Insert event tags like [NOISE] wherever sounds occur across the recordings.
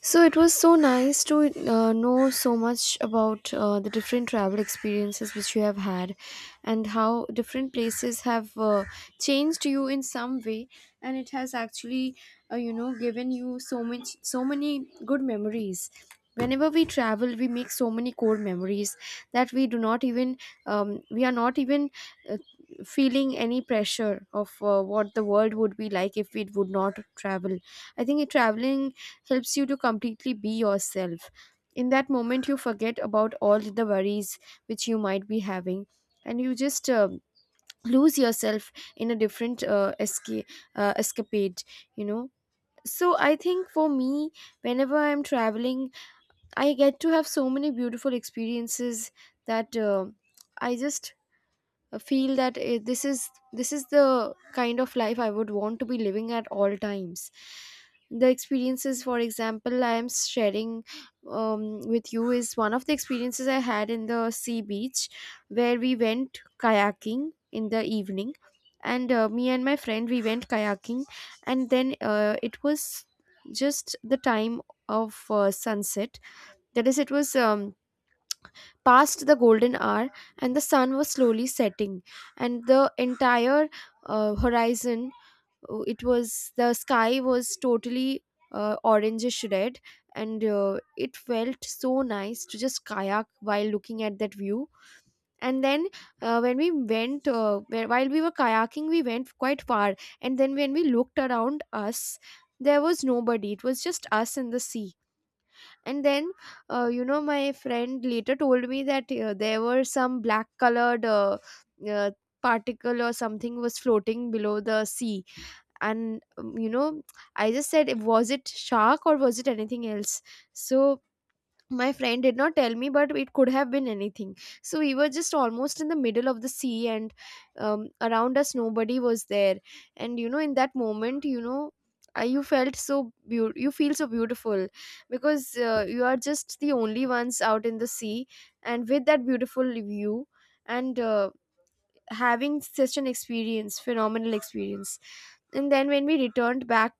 So it was so nice to know so much about the different travel experiences which you have had, and how different places have changed you in some way, and it has actually given you so much, so many good memories. Whenever we travel we make so many core memories that we do not even we are not even uh, feeling any pressure of what the world would be like if we would not travel. I think traveling helps you to completely be yourself. In that moment, you forget about all the worries which you might be having, and you just lose yourself in a different escapade, you know. So, I think for me, whenever I'm traveling, I get to have so many beautiful experiences that I just feel that this is the kind of life I would want to be living at all times. The experiences, for example, I am sharing with you is one of the experiences I had in the sea beach, where we went kayaking in the evening. And me and my friend, we went kayaking, and then it was just the time of sunset. That is, it was past the golden hour and the sun was slowly setting, and the entire horizon, it was, the sky was totally orangish red. And it felt so nice to just kayak while looking at that view. And then when we went whe- while we were kayaking we went quite far, and then when we looked around us there was nobody, it was just us and the sea. And then you know, my friend later told me that there were some black colored uh, particle or something was floating below the sea. And you know, I just said, was it shark or was it anything else? So my friend did not tell me, but it could have been anything. So we were just almost in the middle of the sea, and around us nobody was there. And you know, in that moment, you know, you felt so you feel so beautiful, because you are just the only ones out in the sea, and with that beautiful view, and having such an experience, phenomenal experience. And then when we returned back,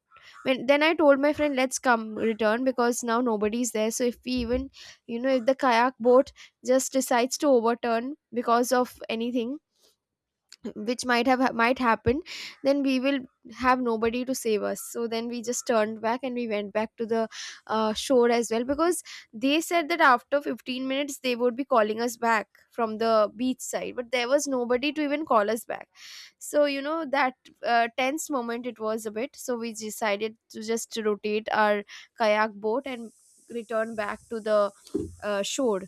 when then I told my friend, let's come return, because now nobody's there, so if we even, you know, if the kayak boat just decides to overturn because of anything which might have, might happen, then we will have nobody to save us. So then we just turned back and we went back to the shore as well, because they said that after 15 minutes they would be calling us back from the beach side, but there was nobody to even call us back. So you know, that tense moment, it was a bit. So we decided to just rotate our kayak boat and return back to the shore.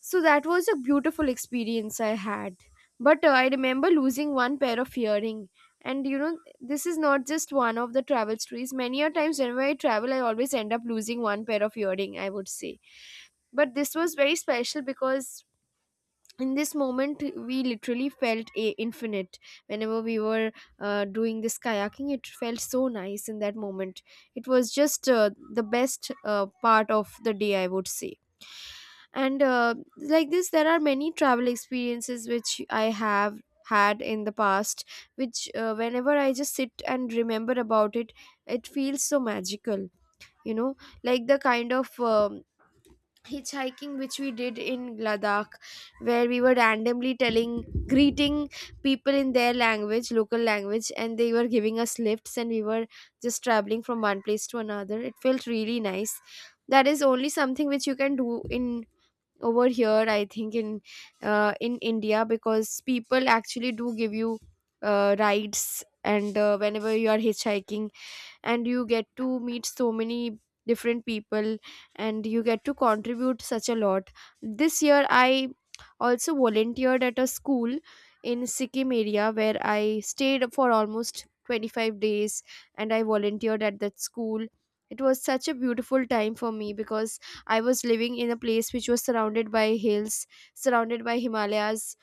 So that was a beautiful experience I had. But I remember losing one pair of earring. And you know, this is not just one of the travel stories, many a times whenever I travel I always end up losing one pair of earring, I would say. But this was very special because in this moment we literally felt infinite. Whenever we were doing this kayaking, it felt so nice in that moment. It was just the best part of the day, I would say. And like this, there are many travel experiences which I have had in the past, which whenever I just sit and remember about it, it feels so magical, you know. Like the kind of hitchhiking which we did in Ladakh, where we were randomly telling, greeting people in their language, local language, and they were giving us lifts and we were just traveling from one place to another. It felt really nice. That is only something which you can do in, over here I think in India, because people actually do give you rides. And whenever you are hitchhiking, and you get to meet so many different people, and you get to contribute such a lot. This year I also volunteered at a school in sikkim area, where I stayed for almost 25 days, and I volunteered at that school. It was such a beautiful time for me because I was living in a place which was surrounded by hills, surrounded by himalayas,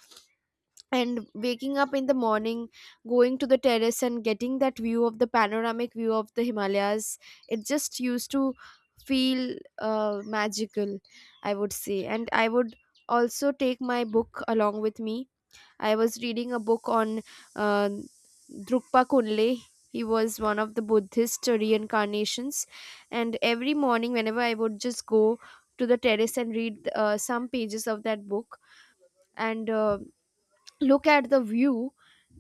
and waking up in the morning, going to the terrace and getting that view, of the panoramic view of the himalayas, it just used to feel magical, I would say. And I would also take my book along with me. I was reading a book on uh, drukpa kunle. He was one of the buddhist reincarnations. And every morning whenever I would just go to the terrace and read some pages of that book, and look at the view,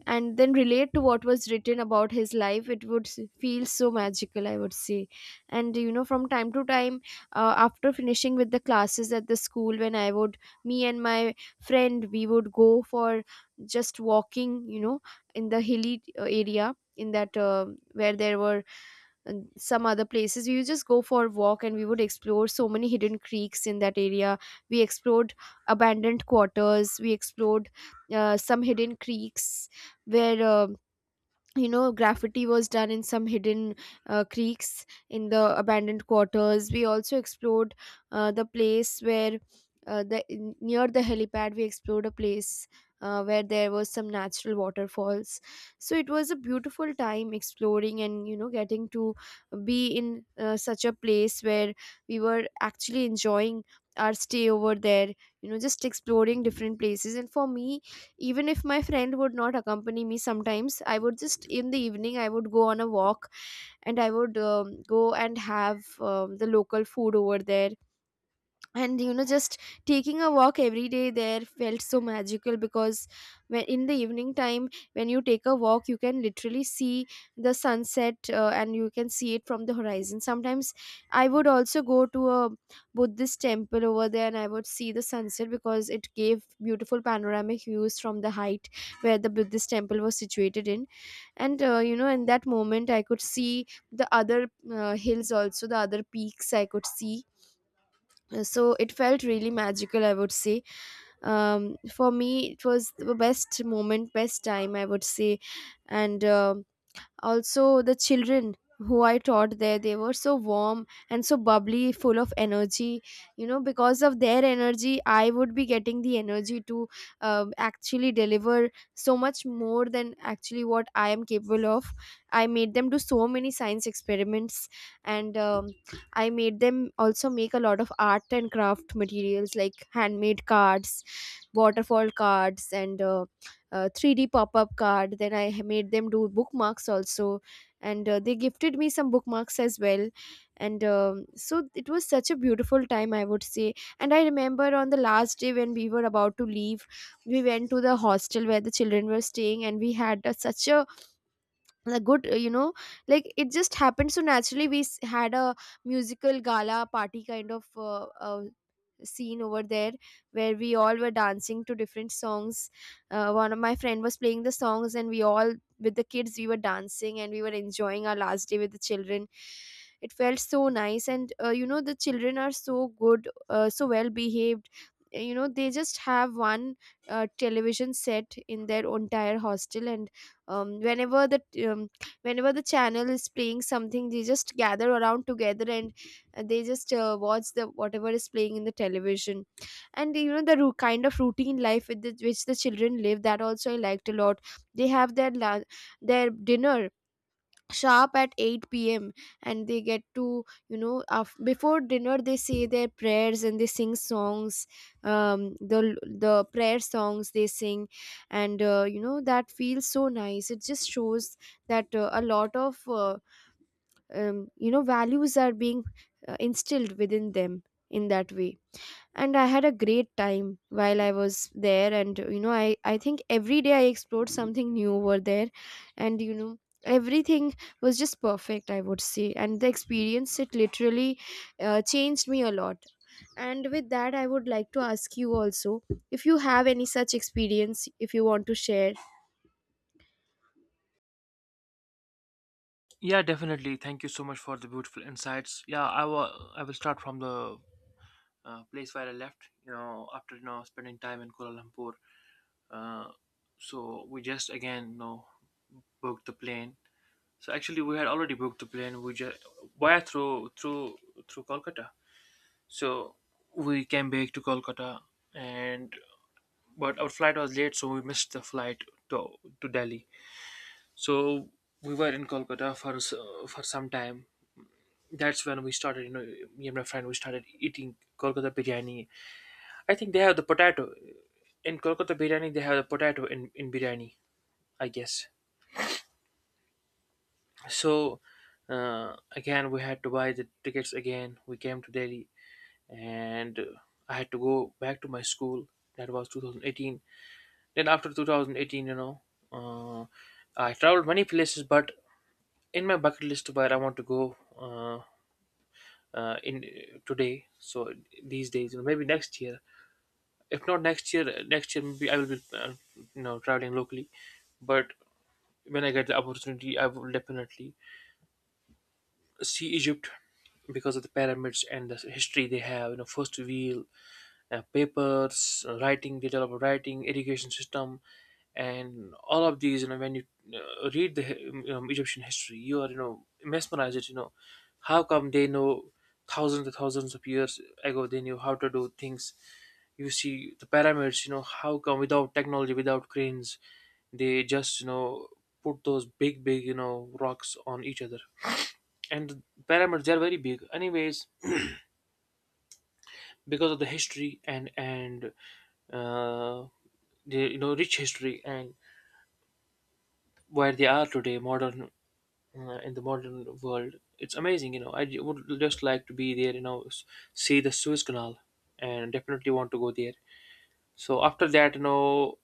and then relate to what was written about his life, it would feel so magical, I would say. And you know, from time to time, after finishing with the classes at the school, when I would, me and my friend, we would go for just walking, you know, in the hilly area, in that where there were, and some other places, we would just go for a walk, and we would explore so many hidden creeks in that area. We explored abandoned quarters, we explored some hidden creeks where you know graffiti was done, in some hidden creeks in the abandoned quarters. We also explored the place where near the helipad we explored a place where there was some natural waterfalls. So it was a beautiful time exploring, and you know, getting to be in such a place where we were actually enjoying our stay over there, you know, just exploring different places. And for me, even if my friend would not accompany me sometimes, I would just, in the evening I would go on a walk, and I would go and have the local food over there. And you know, just taking a walk every day there felt so magical, because when, in the evening time, when you take a walk, you can literally see the sunset, and you can see it from the horizon. Sometimes I would also go to a buddhist temple over there, and I would see the sunset because it gave beautiful panoramic views from the height where the buddhist temple was situated in. And you know, in that moment I could see the other hills, also the other peaks I could see. So it felt really magical, I would say. For me it was the best moment, best time, I would say. And also the children who I taught there, they were so warm, and so bubbly, full of energy. You know, because of their energy I would be getting the energy to actually deliver so much more than actually what I am capable of. I made them do so many science experiments, and I made them also make a lot of art and craft materials, like handmade cards, waterfall cards, and 3D pop-up card. Then I made them do bookmarks also, and they gifted me some bookmarks as well. And so it was such a beautiful time, I would say. And I remember on the last day when we were about to leave, we went to the hostel where the children were staying, and we had a, such a good, like, it just happened so naturally. We had a musical gala party kind of scene over there where we all were dancing to different songs. One of my friend was playing the songs, and we all with the kids we were dancing and we were enjoying our last day with the children. It felt so nice, and you know, the children are so good, so well behaved. You know, they just have one television set in their entire hostel, and um, whenever the um, whenever the channel is playing something, they just gather around together, and they just watch the whatever is playing in the television. And you know, the kind of routine life with the, which the children live, that also I liked a lot. They have their their dinner sharp at 8 p.m. And they get to, you know, before dinner they say their prayers and they sing songs, um the the prayer songs they sing. And you know, that feels so nice. It just shows that a lot of you know, values are being instilled within them in that way. And I had a great time while I was there, and you know, I think every day I explored something new over there. And you know, everything was just perfect, I would say, and the experience it literally changed me a lot. And with that, I would like to ask you also, if you have any such experience, if you want to share. Yeah, definitely. Thank you so much for the beautiful insights. Yeah, I will. I will start from the place where I left. After spending time in Kuala Lumpur, uh, so we just again booked the plane. So actually, we had already booked the plane. We just via through Kolkata. So we came back to Kolkata, and but our flight was late, so we missed the flight to to Delhi. So we were in Kolkata for for some time. That's when we started, me and my friend, we started eating Kolkata biryani. I think they have the potato in Kolkata biryani. They have the potato in biryani, I guess. So, uh, again we had to buy the tickets. Again we came to Delhi, and I had to go back to my school. That was 2018. Then after 2018, uh, I traveled many places, but in my bucket list where I want to go, uh, in today, so these days, maybe next year. If not next year, next year maybe I will be traveling locally. But when I get the opportunity, I will definitely see Egypt, because of the pyramids and the history they have. First wheel, papers, writing, detail of writing, education system, and all of these. When you read the Egyptian history, you are mesmerized. It How come they know? Thousands and thousands of years ago, they knew how to do things. You see the pyramids. How come, without technology, without cranes, they just put those big big rocks on each other. And the pyramids, they are very big. Anyways, because of the history and uh, the rich history, and where they are today modern, in the modern world, it's amazing. Would just like to be there, see the Suez Canal, and definitely want to go there. So after that,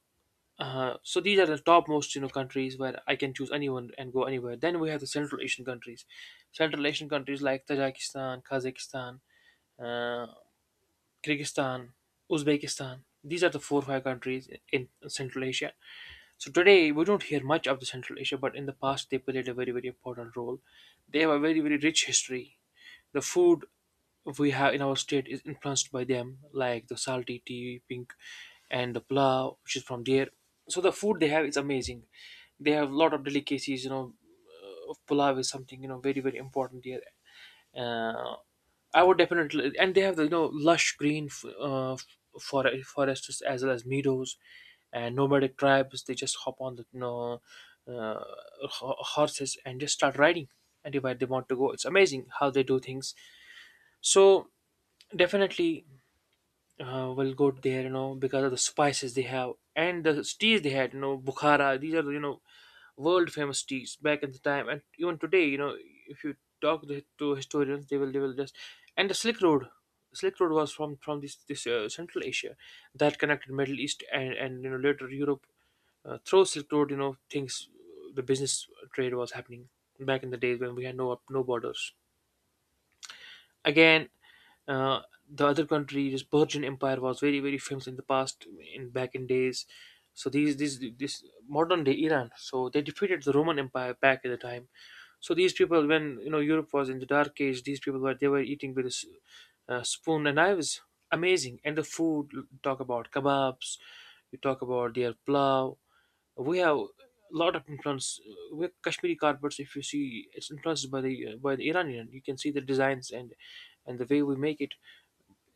so these are the top most, countries where I can choose anyone and go anywhere. Then we have the Central Asian countries. Central Asian countries like Tajikistan, Kazakhstan, uh, Kyrgyzstan, Uzbekistan. These are the four or five countries in Central Asia. So today we don't hear much of the Central Asia, but in the past they played a very very important role. They have a very very rich history. The food we have in our state is influenced by them, like the salty tea, pink, and the plow, which is from there. So the food they have is amazing. They have a lot of delicacies. Pulao is something, very very important there. uh, I would definitely, and they have the, lush green forests as well as meadows and nomadic tribes. They just hop on the, uh, horses, and just start riding anywhere they want to go. It's amazing how they do things. So definitely, will go there, because of the spices they have and the teas they had, Bukhara. These are, world famous teas back in the time, and even today, if you talk to historians, they will just, and the Silk Road. Silk Road was from this Central Asia that connected Middle East and later Europe, through Silk Road. Things, the business, trade was happening back in the days when we had no borders. Again, uh, the other country, this Persian Empire, was very very famous in the past, in back in days. So these this modern day Iran. So they defeated the Roman Empire back at the time. So these people, when Europe was in the dark age, these people were eating with a spoon and knives. Amazing, and the food. Talk about kebabs. You talk about their plow. We have a lot of influence, with Kashmiri carpets. If you see, it's influenced by the Iranian. You can see the designs and the way we make it.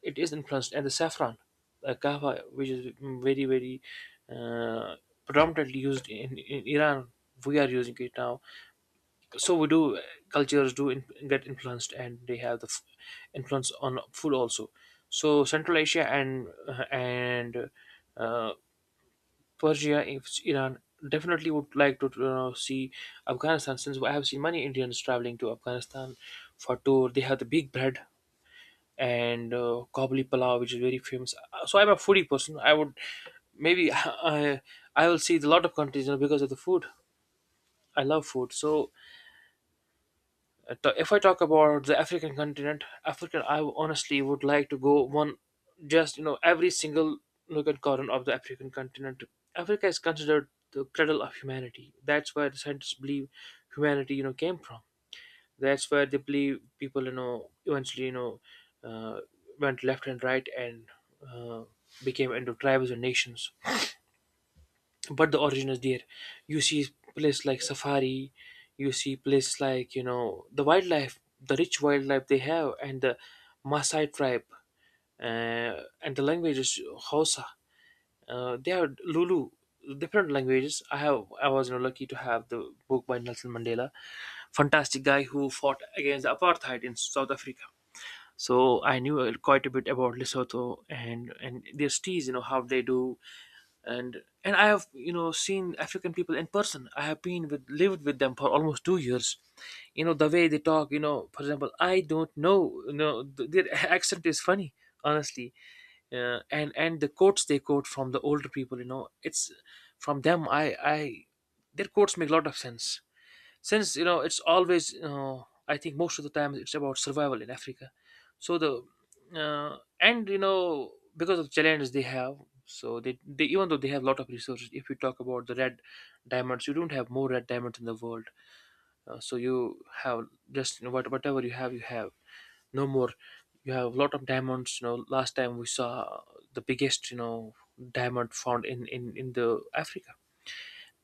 It is influenced, and the saffron, kahwa, which is, very very uh, predominantly used in Iran. We are using it now, so we do, cultures do in, get influenced, and they have the influence on food also. So Central Asia and, uh, Persia, if it's Iran, definitely would like to, see Afghanistan since I have seen many Indians traveling to Afghanistan for tour. They have the big bread and, kabuli palav, which is very famous. So I'm a foodie person. I would maybe, [LAUGHS] I will see a lot of countries, because of the food. I love food, so. If I talk about the African continent, African, I honestly would like to go one, just, every single nook and corner of the African continent. Africa is considered the cradle of humanity. That's where the scientists believe humanity, came from. That's where they believe people, eventually, uh, went left and right, and uh, became into tribes and nations, but the origin is there. You see places like safari. You see places like, the wildlife, the rich wildlife they have, and the Maasai tribe, and the language is Hausa, they are Lulu, different languages. I was, lucky to have the book by Nelson Mandela, fantastic guy who fought against apartheid in South Africa. So I knew quite a bit about Lesotho, and their teas, you know how they do, and I have, seen African people in person. I have been with lived with them for almost 2 years. You know the way they talk. You know, for example, I don't know. Their [LAUGHS] accent is funny, honestly, and the quotes they quote from the older people. You know, it's from them. I Their quotes make a lot of sense, since, it's always, I think most of the time it's about survival in Africa. So the, and because of challenges they have, so they even though they have a lot of resources. If you talk about the red diamonds, you don't have more red diamonds in the world. So you have, just, what, whatever you have you have, no more. You have a lot of diamonds. Last time we saw the biggest, diamond found in the Africa,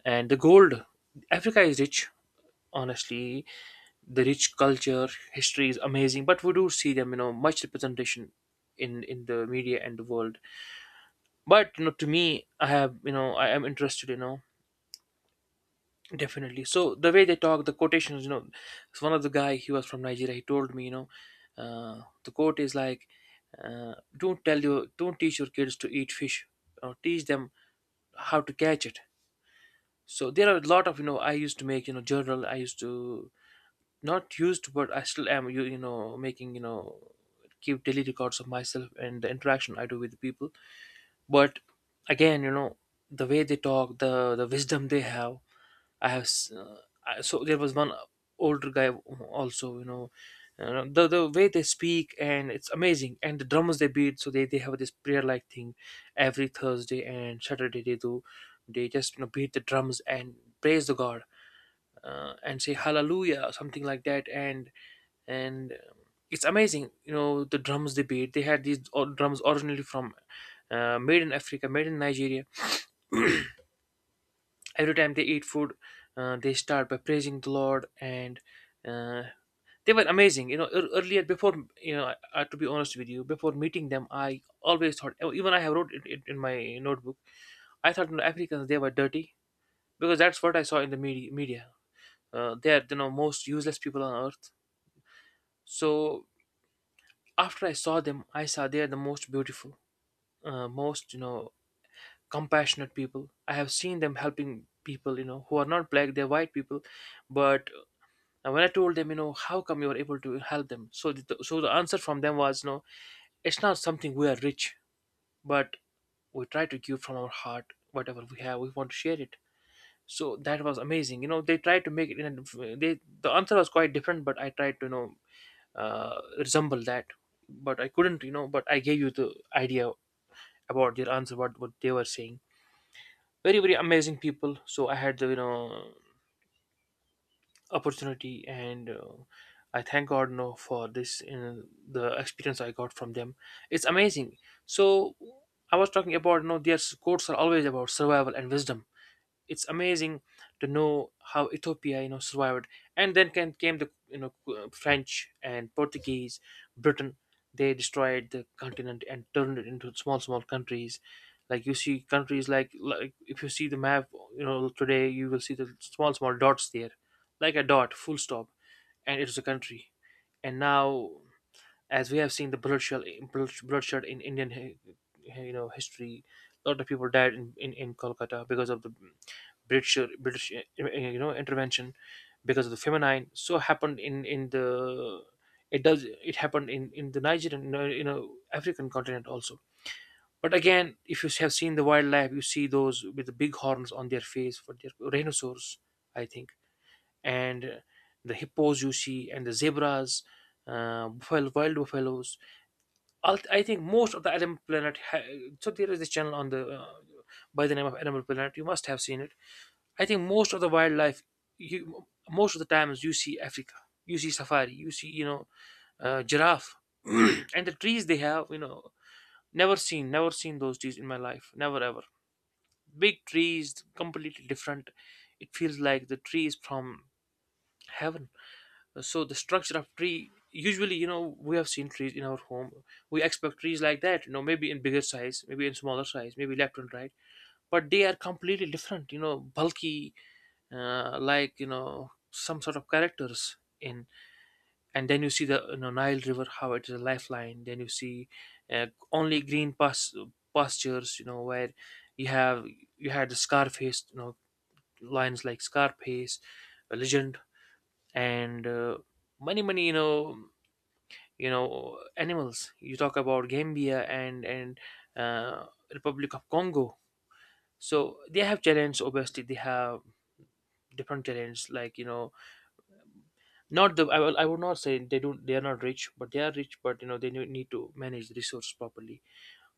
and the gold. Africa is rich, honestly. The rich culture, history is amazing, but we do see them, much representation in the media and the world. But, to me, I have I am interested, definitely. So the way they talk, the quotations, so one of the guy, he was from Nigeria, he told me, the quote is like, don't tell, you don't teach your kids to eat fish, teach them how to catch it. So there are a lot of, I used to make, journal, I used to, not used, but I still am, making, keep daily records of myself and the interaction I do with people. But again, the way they talk, the wisdom they have. I have s- I, So there was one older guy also, the way they speak, and it's amazing, and the drums they beat. So they have this prayer like thing every Thursday and Saturday they do. They just beat the drums and praise the god, and say hallelujah or something like that, and it's amazing. You know the drums they beat, they had these drums originally from, made in Africa, made in Nigeria. Every time they eat food, they start by praising the Lord, and uh, they were amazing. Earlier before, to be honest with you, before meeting them, I always thought, oh, even I have wrote it in my notebook. I thought, Africans they were dirty, because that's what I saw in the media. They are, most useless people on earth. So after I saw them, I saw they are the most beautiful, most, compassionate people. I have seen them helping people, who are not black, they're white people. But when I told them, you know, how come you are able to help them? So the answer from them was, no, it's not something we are rich, but we try to give from our heart whatever we have. We want to share it. So that was amazing. You know, they tried to make it in a, the answer was quite different, but I tried to resemble that but I couldn't, you know, but I gave you the idea about their answer, what they were saying. Very very amazing people. So I had the, you know, opportunity, and I thank god, you know, for this and the experience I got from them. It's amazing. So I was talking about, you know, their quotes are always about survival and wisdom. It's amazing to know how Ethiopia, you know, survived. And then came the French and Portuguese, Britain. They destroyed the continent and turned it into small, small countries. Like you see countries like, if you see the map, you know, today you will see the small, small dots there, like a dot, full stop, and it was a country. And now, as we have seen the bloodshed, bloodshed in Indian, you know, history, a lot of people died in Kolkata because of the British you know, intervention, because of the feminine. So happened in the it does it happened in the Nigerian, you know, African continent also. But again, if you have seen the wildlife, you see those with the big horns on their face for their rhinoceros, I think, and the hippos you see, and the zebras, buffalo, wild buffaloes. I think most of the animal planet. So there is this channel on the by the name of Animal Planet. You must have seen it. I think most of the wildlife, you, most of the times you see Africa, you see safari, you see, you know, giraffe, [CLEARS THROAT] and the trees they have, you know, never seen, never seen those trees in my life, never ever. Big trees, completely different. It feels like the tree is from heaven. So the structure of tree. Usually, you know, we have seen trees in our home. We expect trees like that, you know, maybe in bigger size, maybe in smaller size, maybe left and right. But they are completely different, you know, bulky, like, you know, some sort of characters in. And then you see the, you know, Nile river, how it is a lifeline. Then you see only green pastures, you know, where you have you had the Scarface, you know, lines like Scarface, a legend. And many many, you know, animals. You talk about Gambia and uh, Republic of Congo. So they have challenges. Obviously they have different challenges, like, you know, not the I, will, I would not say they don't, they are not rich, but they are rich, but, you know, they need to manage the resource properly.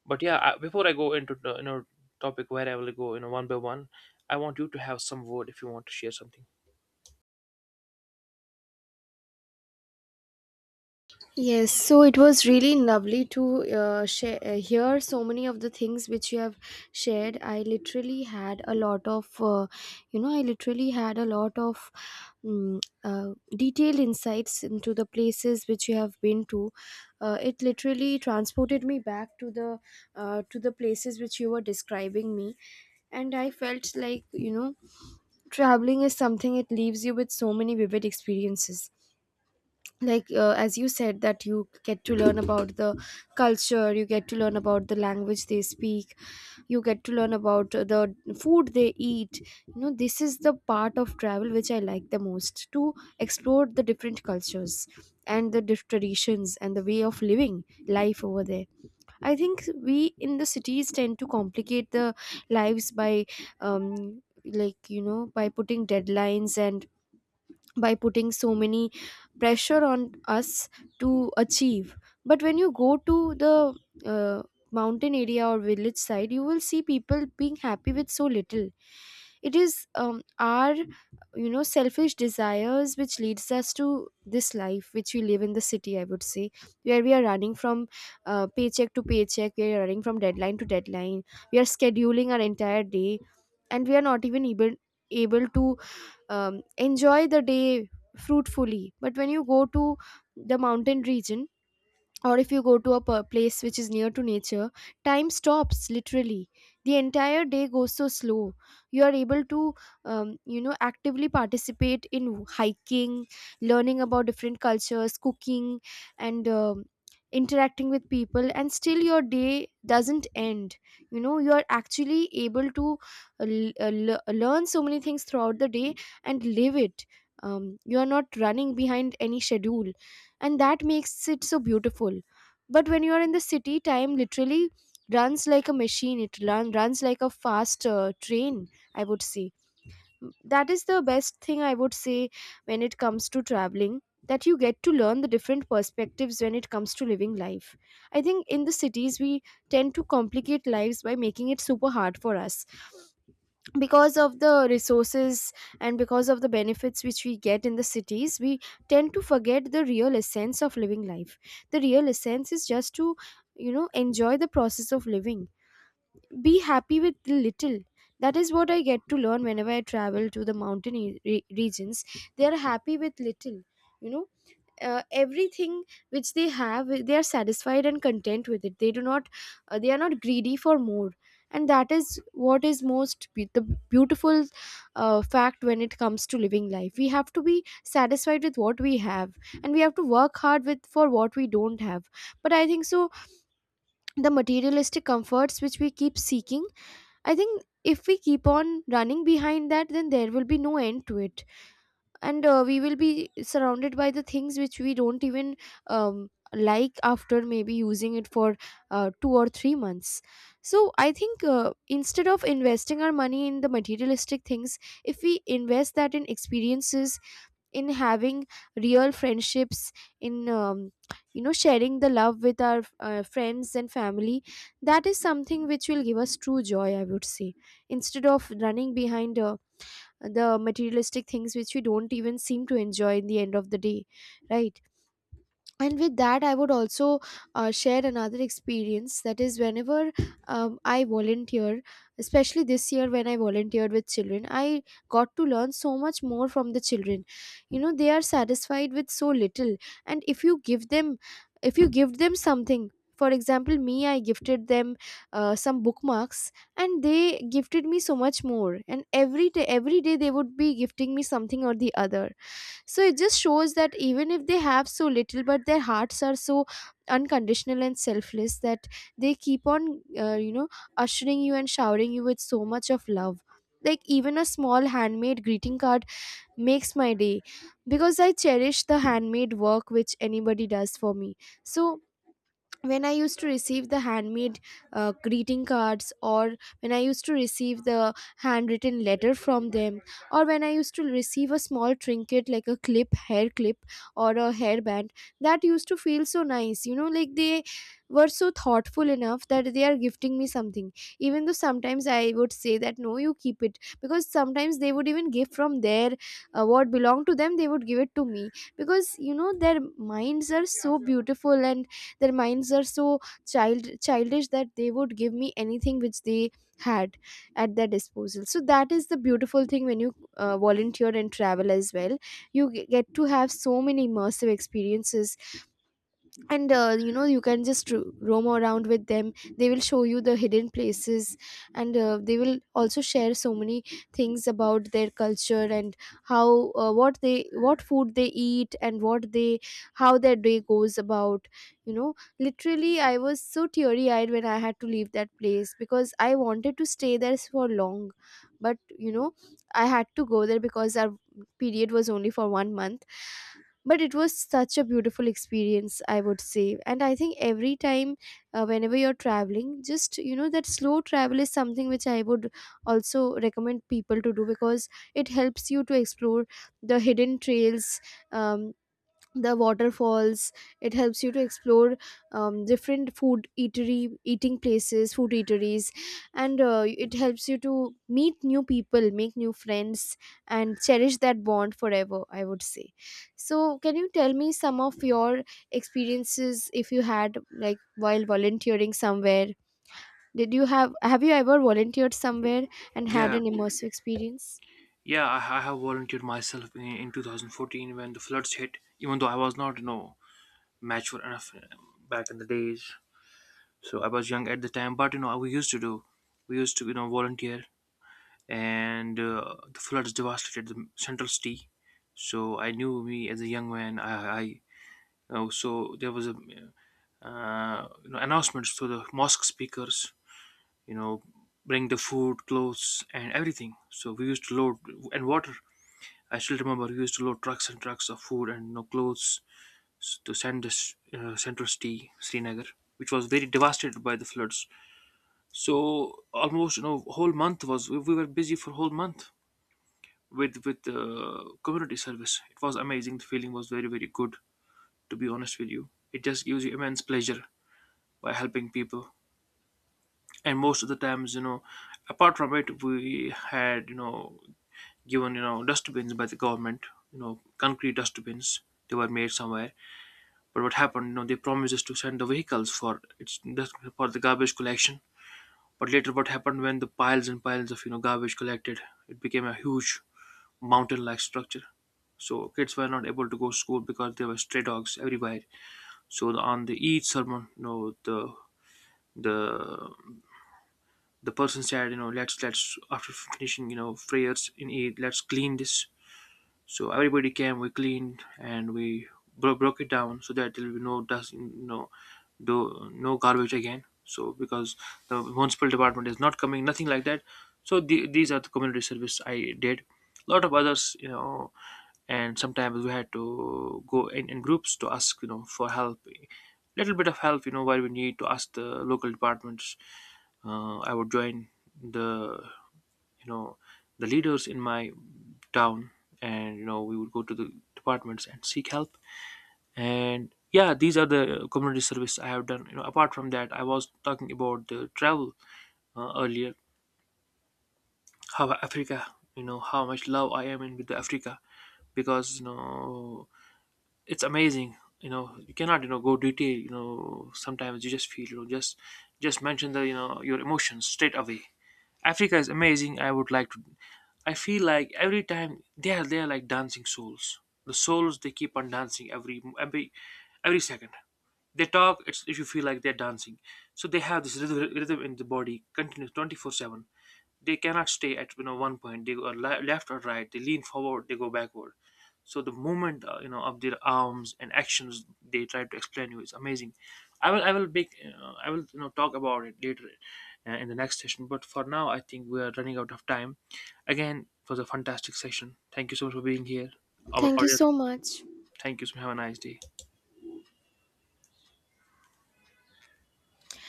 But yeah, before I go into the, you know, topic where I will go, you know, one by one, I want you to have some word if you want to share something. Yes, so it was really lovely to share, hear so many of the things which you have shared. I literally had a lot of, you know, I literally had a lot of mm uh, detailed insights into the places which you have been to. It literally transported me back to the places which you were describing me. And I felt like, you know, traveling is something it leaves you with so many vivid experiences, like as you said, that you get to learn about the culture, you get to learn about the language they speak, you get to learn about the food they eat. You know, this is the part of travel which I like the most, to explore the different cultures and the traditions and the way of living life over there. I think we in the cities tend to complicate the lives by like, you know, by putting deadlines and by putting so many pressure on us to achieve. But when you go to the uh, mountain area or village side, you will see people being happy with so little. It is our you know selfish desires which leads us to this life which we live in the city, I would say, where we are running from paycheck to paycheck, we are running from deadline to deadline, we are scheduling our entire day and we are not even able to enjoy the day fruitfully. But when you go to the mountain region, or if you go to a place which is near to nature, time stops literally. The entire day goes so slow. You are able to you know, actively participate in hiking, learning about different cultures, cooking, and interacting with people, and still your day doesn't end. You know, you are actually able to learn so many things throughout the day and live it. You are not running behind any schedule, and that makes it so beautiful. But when you are in the city, time literally runs like a machine. It runs like a fast train, I would say. That is the best thing, I would say, when it comes to traveling, that you get to learn the different perspectives when it comes to living life. I think in the cities we tend to complicate lives by making it super hard for us. Because of the resources and because of the benefits which we get in the cities, we tend to forget the real essence of living life. The real essence is just to, you know, enjoy the process of living, be happy with the little. That is what I get to learn whenever I travel to the mountain regions. They are happy with little, you know, everything which they have, they are satisfied and content with it. They do not, they are not greedy for more. And that is what is most the beautiful fact when it comes to living life. We have to be satisfied with what we have, and we have to work hard with for what we don't have. But I think so, the materialistic comforts which we keep seeking, I think if we keep on running behind that, then there will be no end to it. And we will be surrounded by the things which we don't even like, after maybe using it for 2 or 3 months. So I think instead of investing our money in the materialistic things, if we invest that in experiences, in having real friendships, in you know, sharing the love with our friends and family, that is something which will give us true joy, I would say, instead of running behind the materialistic things which we don't even seem to enjoy in the end of the day, right. And with that, I would also share another experience. That is, whenever I volunteer, especially this year when I volunteered with children, I got to learn so much more from the children. You know, they are satisfied with so little, and if you give them, if you give them something, for example, me, I gifted them some bookmarks, and they gifted me so much more. And every day, every day, they would be gifting me something or the other. So it just shows that even if they have so little, but their hearts are so unconditional and selfless, that they keep on you know, ushering you and showering you with so much of love. Like, even a small handmade greeting card makes my day, because I cherish the handmade work which anybody does for me. So when I used to receive the handmade greeting cards, or when I used to receive the handwritten letter from them, or when I used to receive a small trinket like a clip, hair clip, or a hairband, that used to feel so nice. You know, like, they were so thoughtful enough that they are gifting me something, even though sometimes I would say that no, you keep it, because sometimes they would even give from their what belonged to them, they would give it to me. Because you know, their minds are so beautiful, and their minds are so childish, that they would give me anything which they had at their disposal. So that is the beautiful thing, when you volunteer and travel as well, you get to have so many immersive experiences. And you know, you can just roam around with them, they will show you the hidden places, and they will also share so many things about their culture, and how what they, what food they eat, and what they, how their day goes about. You know, literally I was so teary eyed when I had to leave that place, because I wanted to stay there for long. But you know, I had to go there because our period was only for one month. But it was such a beautiful experience, I would say. And I think every time whenever you're traveling, just you know, that slow travel is something which I would also recommend people to do, because it helps you to explore the hidden trails, um, the waterfalls. It helps you to explore different food eatery eating places, food eateries, and it helps you to meet new people, make new friends, and cherish that bond forever, I would say. So can you tell me some of your experiences, if you had, like, while volunteering somewhere? Did you have you ever volunteered somewhere and had Yeah. an immersive experience? Yeah, I have volunteered myself in 2014 when the floods hit, even though I was not, you know, mature enough, back in the days. So I was young at the time, but, you know, we used to do, we used to, you know, volunteer. And the floods devastated the central city. So I knew me as a young man. I So there was a, you know, announcements to the mosque speakers. You know, bring the food, clothes, and everything. So we used to load and water. I still remember we used to load trucks and trucks of food and, you know, clothes to send this, central city, Srinagar, which was very devastated by the floods. So almost, you know, whole month was, we were busy for whole month with community service. It was amazing. The feeling was very very good. To be honest with you, it just gives you immense pleasure by helping people. And most of the times, you know, apart from it, we had, you know, given, you know, dustbins by the government. You know, concrete dustbins. They were made somewhere. But what happened? You know, they promised us to send the vehicles for it's for the garbage collection. But later, what happened when the piles and piles of, you know, garbage collected? It became a huge mountain-like structure. So kids were not able to go to school because there were stray dogs everywhere. So on the each sermon, you know, the the person said, you know, let's after finishing, you know, prayers in Eid, let's clean this. So everybody came, we cleaned and we broke it down so that there will be no dust, no do no garbage again. So because the municipal department is not coming, nothing like that. So these are the community service I did. A lot of others, you know, and sometimes we had to go in groups to ask, you know, for help, little bit of help, you know, where we need to ask the local departments. I would join the, you know, the leaders in my town, and, you know, we would go to the departments and seek help. And yeah, these are the community service I have done. You know, apart from that, I was talking about the travel earlier, how Africa, you know, how much love I am in with Africa. Because, you know, it's amazing, you know, you cannot, you know, go detail, you know, sometimes you just feel, you know, just mention the, you know, your emotions straight away. Africa is amazing. I would like to, I feel like every time they are, they are like dancing souls. The souls they keep on dancing, every second they talk. It's if you feel like they're dancing. So they have this rhythm in the body, continuous 24/7. They cannot stay at, you know, one point they go, left or right, they lean forward, they go backward. So the movement, you know, of their arms and actions they try to explain you, is amazing. I will make, I will, you know, talk about it later, in the next session. But for now, I think we are running out of time. Again, it was a fantastic session. Thank you so much for being here, our Thank you audience. so much. Thank you, so have a nice day.